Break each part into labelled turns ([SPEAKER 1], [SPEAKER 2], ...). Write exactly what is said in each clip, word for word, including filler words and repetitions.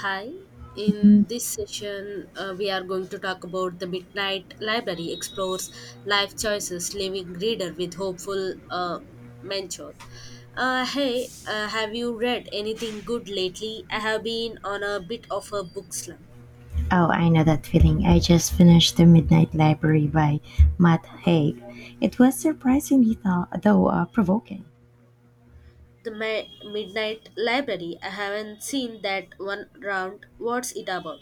[SPEAKER 1] Hi, in
[SPEAKER 2] Oh,
[SPEAKER 1] this session, uh, we are going to talk about The Midnight Library Explores Life Choices, Leaving Reader with Hopeful uh, Mentor. Uh, hey, uh, have you read anything good lately? I have been on a bit of a book slump.
[SPEAKER 2] I know that feeling. I just finished The Midnight Library by Matt Haig. It was surprisingly, tho- though, uh, provoking.
[SPEAKER 1] The Mi- Midnight Library, I haven't seen that one round. What's it about?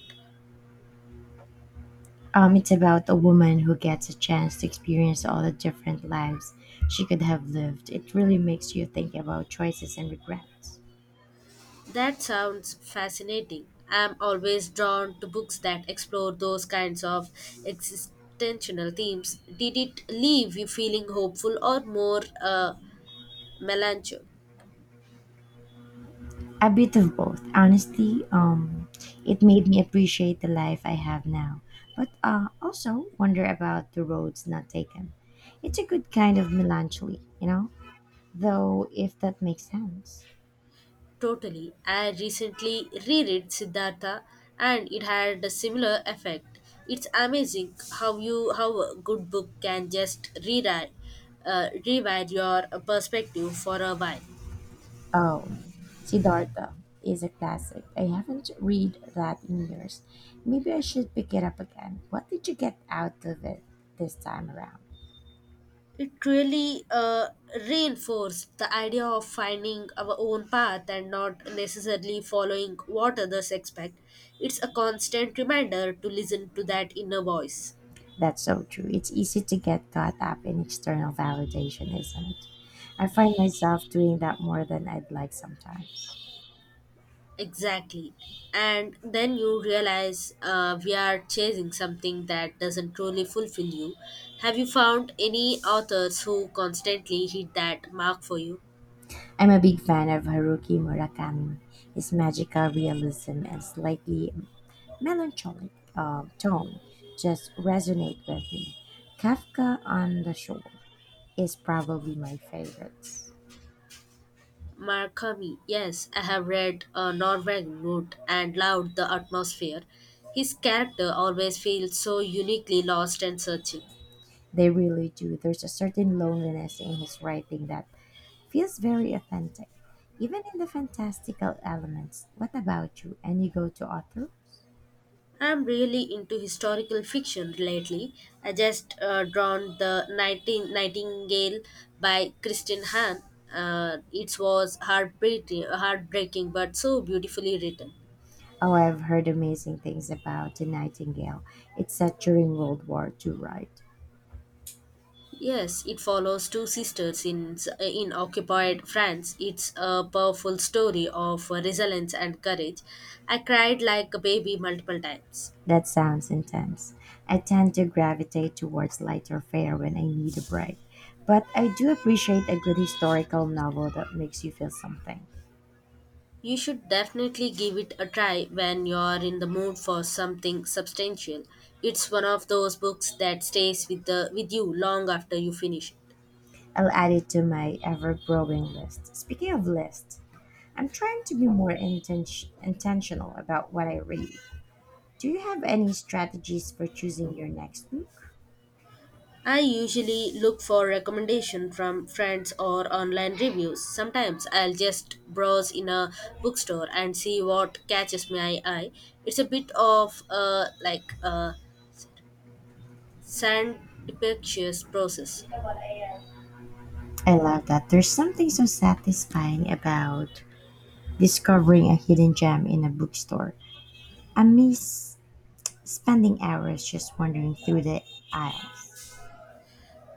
[SPEAKER 2] Um, it's about a woman who gets a chance to experience all the different lives she could have lived. It really makes you think about choices and regrets.
[SPEAKER 1] That sounds fascinating. I'm always drawn to books that explore those kinds of existential themes. Did it leave you feeling hopeful or more uh, melancholic?
[SPEAKER 2] A bit of both. Honestly, um, it made me appreciate the life I have now, but uh, also wonder about the roads not taken. It's a good kind of melancholy, you know? Though, if that makes sense.
[SPEAKER 1] Totally. I recently reread Siddhartha and it had a similar effect. It's amazing how you how a good book can just rewrite uh, rewrite your perspective for a while.
[SPEAKER 2] Um, Siddhartha is a classic. I haven't read that in years. Maybe I should pick it up again. What did you get out of it this time around?
[SPEAKER 1] It really uh, reinforced the idea of finding our own path and not necessarily following what others expect. It's a constant reminder to listen to that inner voice.
[SPEAKER 2] That's so true. It's easy to get caught up in external validation, isn't it? I find myself doing that more than I'd like sometimes.
[SPEAKER 1] Exactly. And then you realize uh, we are chasing something that doesn't truly fulfill you. Have you found any authors who constantly hit that mark for you?
[SPEAKER 2] I'm a big fan of Haruki Murakami. His magical realism and slightly melancholic uh, tone just resonate with me. Kafka on the Shore is probably my favorites.
[SPEAKER 1] Markami, yes, I have read uh, Norweg Note and loved the atmosphere. His character always feels so uniquely lost and searching.
[SPEAKER 2] They really do. There's a certain loneliness in his writing that feels very authentic, even in the fantastical elements. What about you? Any go-to authors?
[SPEAKER 1] I'm really into historical fiction lately. I just uh, drawn the Nighting- Nightingale by Christine Hahn. Uh, it was heartbreaking, heartbreaking, but so beautifully written.
[SPEAKER 2] Oh, I've heard amazing things about The Nightingale. It's set during World War Two, right?
[SPEAKER 1] Yes, it follows two sisters in in occupied France. It's a powerful story of resilience and courage. I cried like a baby multiple times.
[SPEAKER 2] That sounds intense. I tend to gravitate towards lighter fare when I need a break, but I do appreciate a good historical novel that makes you feel something.
[SPEAKER 1] You should definitely give it a try when you're in the mood for something substantial. It's one of those books that stays with the with you long after you finish it.
[SPEAKER 2] I'll add it to my ever growing list. Speaking of lists, I'm trying to be more inten- intentional about what I read. Do you have any strategies for choosing your next book?
[SPEAKER 1] I usually look for recommendation from friends or online reviews. Sometimes I'll just browse in a bookstore and see what catches my eye. It's a bit of a like a serendipitous process.
[SPEAKER 2] I love that. There's something so satisfying about discovering a hidden gem in a bookstore. I miss spending hours just wandering through the aisles.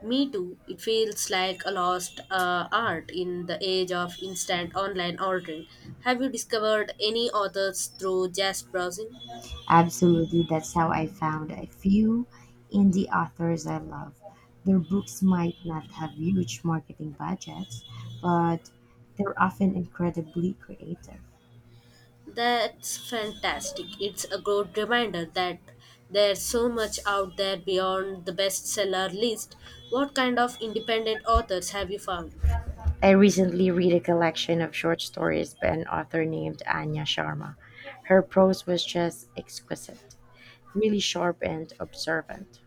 [SPEAKER 1] Me too. It feels like a lost uh, art in the age of instant online ordering. Have you discovered any authors through just browsing?
[SPEAKER 2] Absolutely, that's how I found a few indie authors I love. Their books might not have huge marketing budgets, but they're often incredibly creative.
[SPEAKER 1] That's fantastic. It's a good reminder that there's so much out there beyond the bestseller list. What kind of independent authors have you found?
[SPEAKER 2] I recently read a collection of short stories by an author named Anya Sharma. Her prose was just exquisite, really sharp and observant.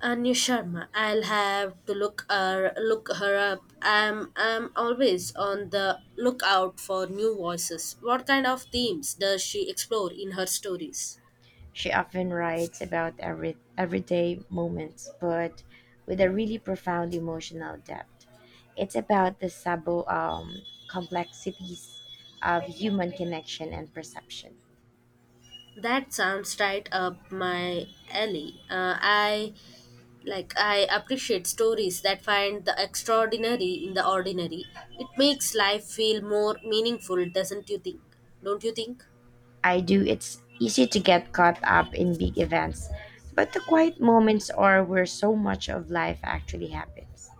[SPEAKER 1] Anya Sharma. I'll have to look her look her up. I'm I'm always on the lookout for new voices. What kind of themes does she explore in her stories?
[SPEAKER 2] She often writes about every, everyday moments, but with a really profound emotional depth. It's about the sabo um, complexities of human connection and perception.
[SPEAKER 1] That sounds right up my alley. Uh, I like i appreciate stories that find the extraordinary in the ordinary. It makes life feel more meaningful, doesn't you think don't you think?
[SPEAKER 2] I do. It's easy to get caught up in big events, but the quiet moments are where so much of life actually happens.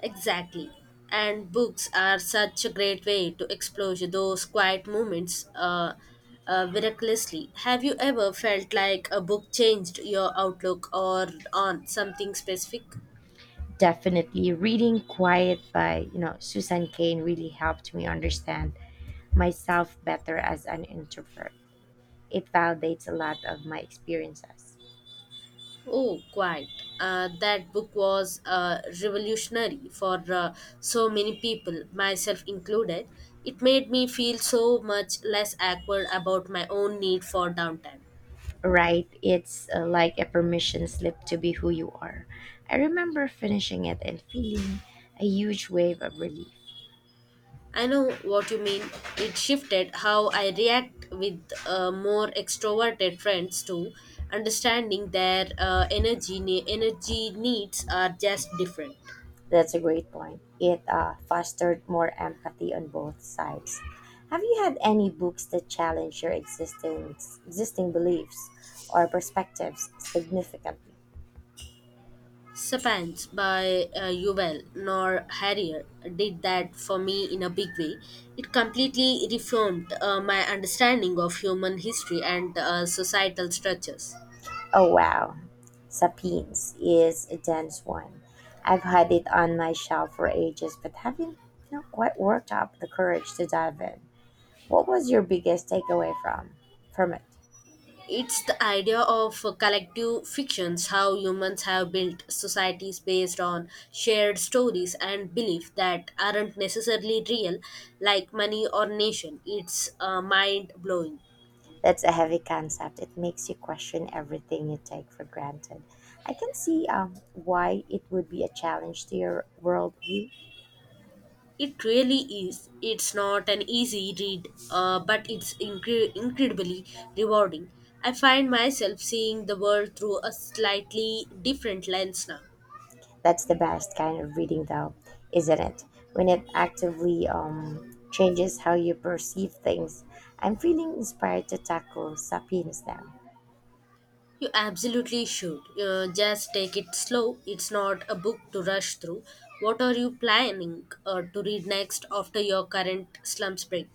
[SPEAKER 1] Exactly, and books are such a great way to explore those quiet moments. Uh, uh, miraculously Have you ever felt like a book changed your outlook or on something specific?
[SPEAKER 2] Definitely, reading Quiet by you know Susan Cain really helped me understand myself better as an introvert. It validates a lot of my experiences.
[SPEAKER 1] Oh, quite. Uh, that book was uh, revolutionary for uh, so many people, myself included. It made me feel so much less awkward about my own need for downtime.
[SPEAKER 2] Right? It's uh, like a permission slip to be who you are. I remember finishing it and feeling a huge wave of relief.
[SPEAKER 1] I know what you mean. It shifted how I react with uh, more extroverted friends too. Understanding their uh, energy ne- energy needs are just different.
[SPEAKER 2] That's a great point. It uh, fostered more empathy on both sides. Have you had any books that challenge your existence, existing beliefs or perspectives significantly?
[SPEAKER 1] Spans by uh, Yuval Noah Harrier did that for me in a big way. It completely reformed uh, my understanding of human history and uh, societal structures.
[SPEAKER 2] Oh, wow. Sapiens is a dense one. I've had it on my shelf for ages, but haven't, you know, quite worked up the courage to dive in. What was your biggest takeaway from from it?
[SPEAKER 1] It's the idea of uh, collective fictions, how humans have built societies based on shared stories and beliefs that aren't necessarily real, like money or nation. It's uh, mind blowing.
[SPEAKER 2] That's a heavy concept. It makes you question everything you take for granted. I can see um, why it would be a challenge to your worldview.
[SPEAKER 1] It really is. It's not an easy read, uh, but it's incre- incredibly rewarding. I find myself seeing the world through a slightly different lens now.
[SPEAKER 2] That's the best kind of reading, though, isn't it? When it actively um, changes how you perceive things. I'm feeling inspired to tackle Sapiens now.
[SPEAKER 1] You absolutely should. Uh, just take it slow. It's not a book to rush through. What are you planning uh, to read next after your current slumps break?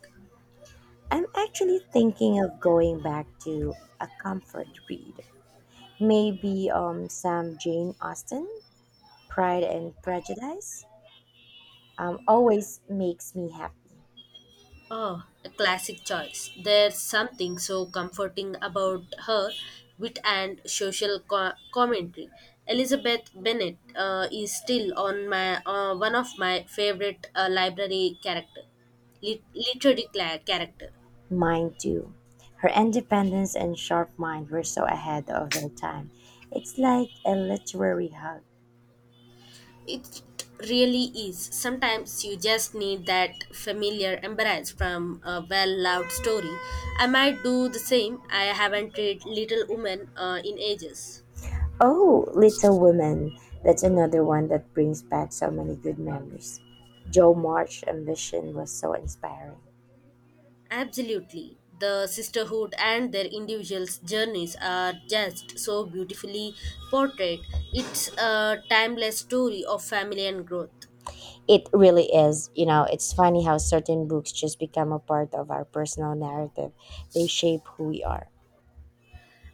[SPEAKER 2] I'm actually thinking of going back to a comfort read. Maybe um, some Jane Austen, Pride and Prejudice, um, always makes me happy.
[SPEAKER 1] Oh, a classic choice. There's something so comforting about her wit and social co- commentary. Elizabeth Bennet uh, is still on my uh, one of my favorite uh, library character, lit- literary cla- character.
[SPEAKER 2] Mine too. Her independence and sharp mind were so ahead of their time. It's like a literary hug.
[SPEAKER 1] It really is. Sometimes you just need that familiar embrace from a well-loved story. I might do the same. I haven't read Little Women uh, in ages.
[SPEAKER 2] Oh, Little Women, that's another one that brings back so many good memories. Joe March's ambition was so inspiring.
[SPEAKER 1] Absolutely. The sisterhood and their individuals' journeys are just so beautifully portrayed. It's a timeless story of family and growth.
[SPEAKER 2] It really is. You know, it's funny how certain books just become a part of our personal narrative. They shape who we are.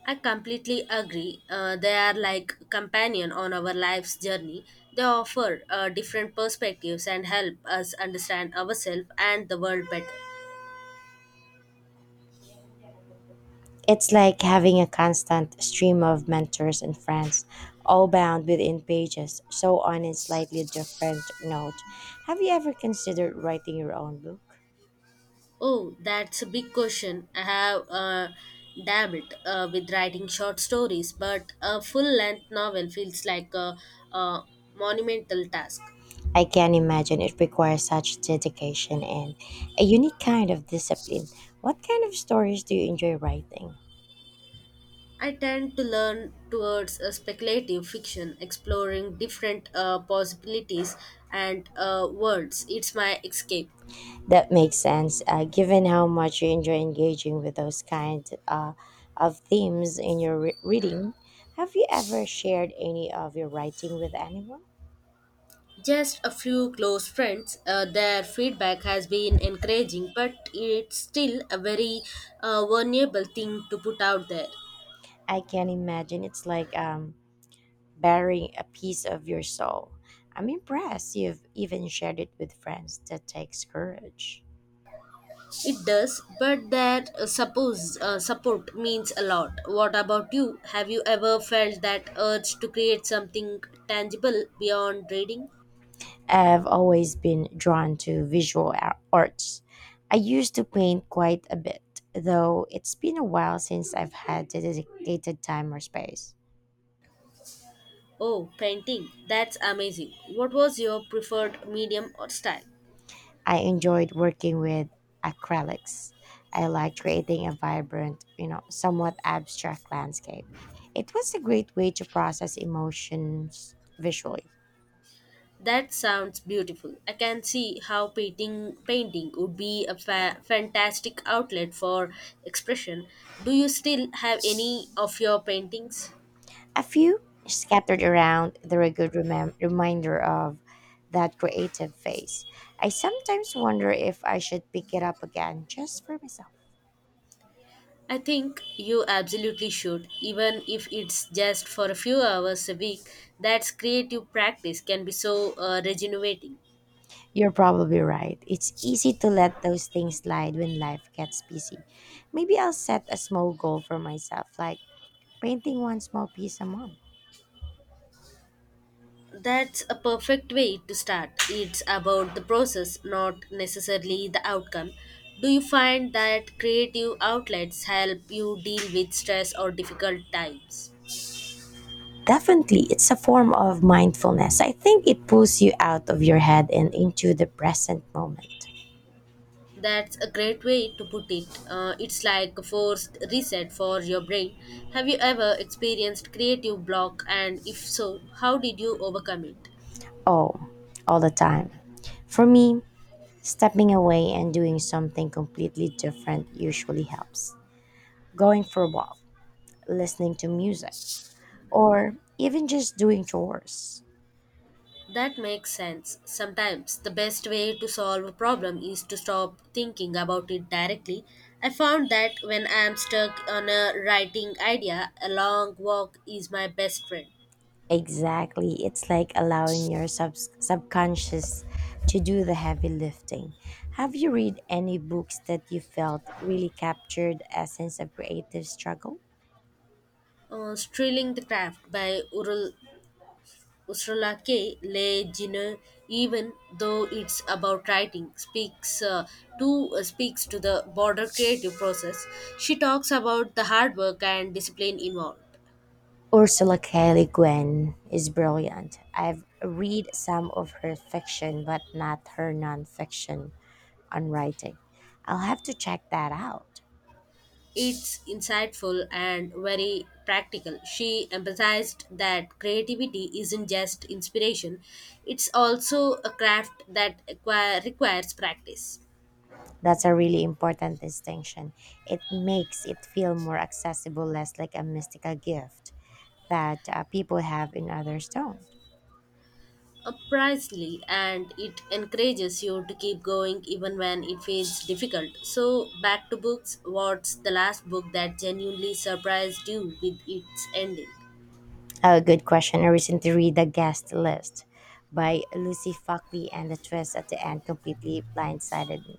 [SPEAKER 1] I completely agree. Uh, they are like companion on our life's journey. They offer uh, different perspectives and help us understand ourselves and the world better.
[SPEAKER 2] It's like having a constant stream of mentors and friends, all bound within pages, so on a slightly different note. Have you ever considered writing your own book?
[SPEAKER 1] Oh, that's a big question. I have uh, dabbled uh, with writing short stories, but a full length novel feels like a, a monumental task.
[SPEAKER 2] I can imagine it requires such dedication and a unique kind of discipline. What kind of stories do you enjoy writing?
[SPEAKER 1] I tend to learn towards a speculative fiction, exploring different uh, possibilities and uh, worlds. It's my escape.
[SPEAKER 2] That makes sense, uh, given how much you enjoy engaging with those kind uh, of themes in your re- reading. Have you ever shared any of your writing with anyone?
[SPEAKER 1] Just a few close friends, uh, their feedback has been encouraging, but it's still a very uh, vulnerable thing to put out there.
[SPEAKER 2] I can imagine it's like um, bearing a piece of your soul. I'm impressed you've even shared it with friends. That takes courage.
[SPEAKER 1] It does, but that uh, suppose uh, support means a lot. What about you? Have you ever felt that urge to create something tangible beyond reading?
[SPEAKER 2] I've always been drawn to visual ar- arts. I used to paint quite a bit, though it's been a while since I've had the dedicated time or space.
[SPEAKER 1] Oh, painting. That's amazing. What was your preferred medium or style?
[SPEAKER 2] I enjoyed working with acrylics. I liked creating a vibrant, you know, somewhat abstract landscape. It was a great way to process emotions visually.
[SPEAKER 1] That sounds beautiful. I can see how painting painting would be a fa- fantastic outlet for expression. Do you still have any of your paintings?
[SPEAKER 2] A few scattered around, they're a good remem- reminder of that creative phase. I sometimes wonder if I should pick it up again just for myself.
[SPEAKER 1] I think you absolutely should, even if it's just for a few hours a week. That's creative practice can be so uh, regenerating.
[SPEAKER 2] You're probably right. It's easy to let those things slide when life gets busy. Maybe I'll set a small goal for myself, like painting one small piece a month.
[SPEAKER 1] That's a perfect way to start. It's about the process, not necessarily the outcome. Do you find that creative outlets help you deal with stress or difficult times?
[SPEAKER 2] Definitely, it's a form of mindfulness. I think it pulls you out of your head and into the present moment.
[SPEAKER 1] That's a great way to put it. Uh, it's like a forced reset for your brain. Have you ever experienced creative block, and if so, how did you overcome it?
[SPEAKER 2] Oh, all the time. For me, stepping away and doing something completely different usually helps. Going for a walk, listening to music, or even just doing chores.
[SPEAKER 1] That makes sense. Sometimes the best way to solve a problem is to stop thinking about it directly. I found that when I am stuck on a writing idea, a long walk is my best friend.
[SPEAKER 2] Exactly. It's like allowing your sub- subconscious to do the heavy lifting. Have you read any books that you felt really captured essence of creative struggle?
[SPEAKER 1] Uh, Strilling the Craft by Urul Ursula K. Le Guin, even though it's about writing, speaks uh, to uh, speaks to the broader creative process. She talks about the hard work and discipline involved.
[SPEAKER 2] Ursula K Le Guin is brilliant. I've read some of her fiction, but not her nonfiction on writing. I'll have to check that out.
[SPEAKER 1] It's insightful and very practical. She emphasized that creativity isn't just inspiration; it's also a craft that acquire, requires practice.
[SPEAKER 2] That's a really important distinction. It makes it feel more accessible, less like a mystical gift that uh, people have and others don't.
[SPEAKER 1] Uh, Precisely, and it encourages you to keep going even when it feels difficult. So, back to books. What's the last book that genuinely surprised you with its ending?
[SPEAKER 2] A good question. I recently read The Guest List by Lucy Fockley, and the twist at the end completely blindsided me.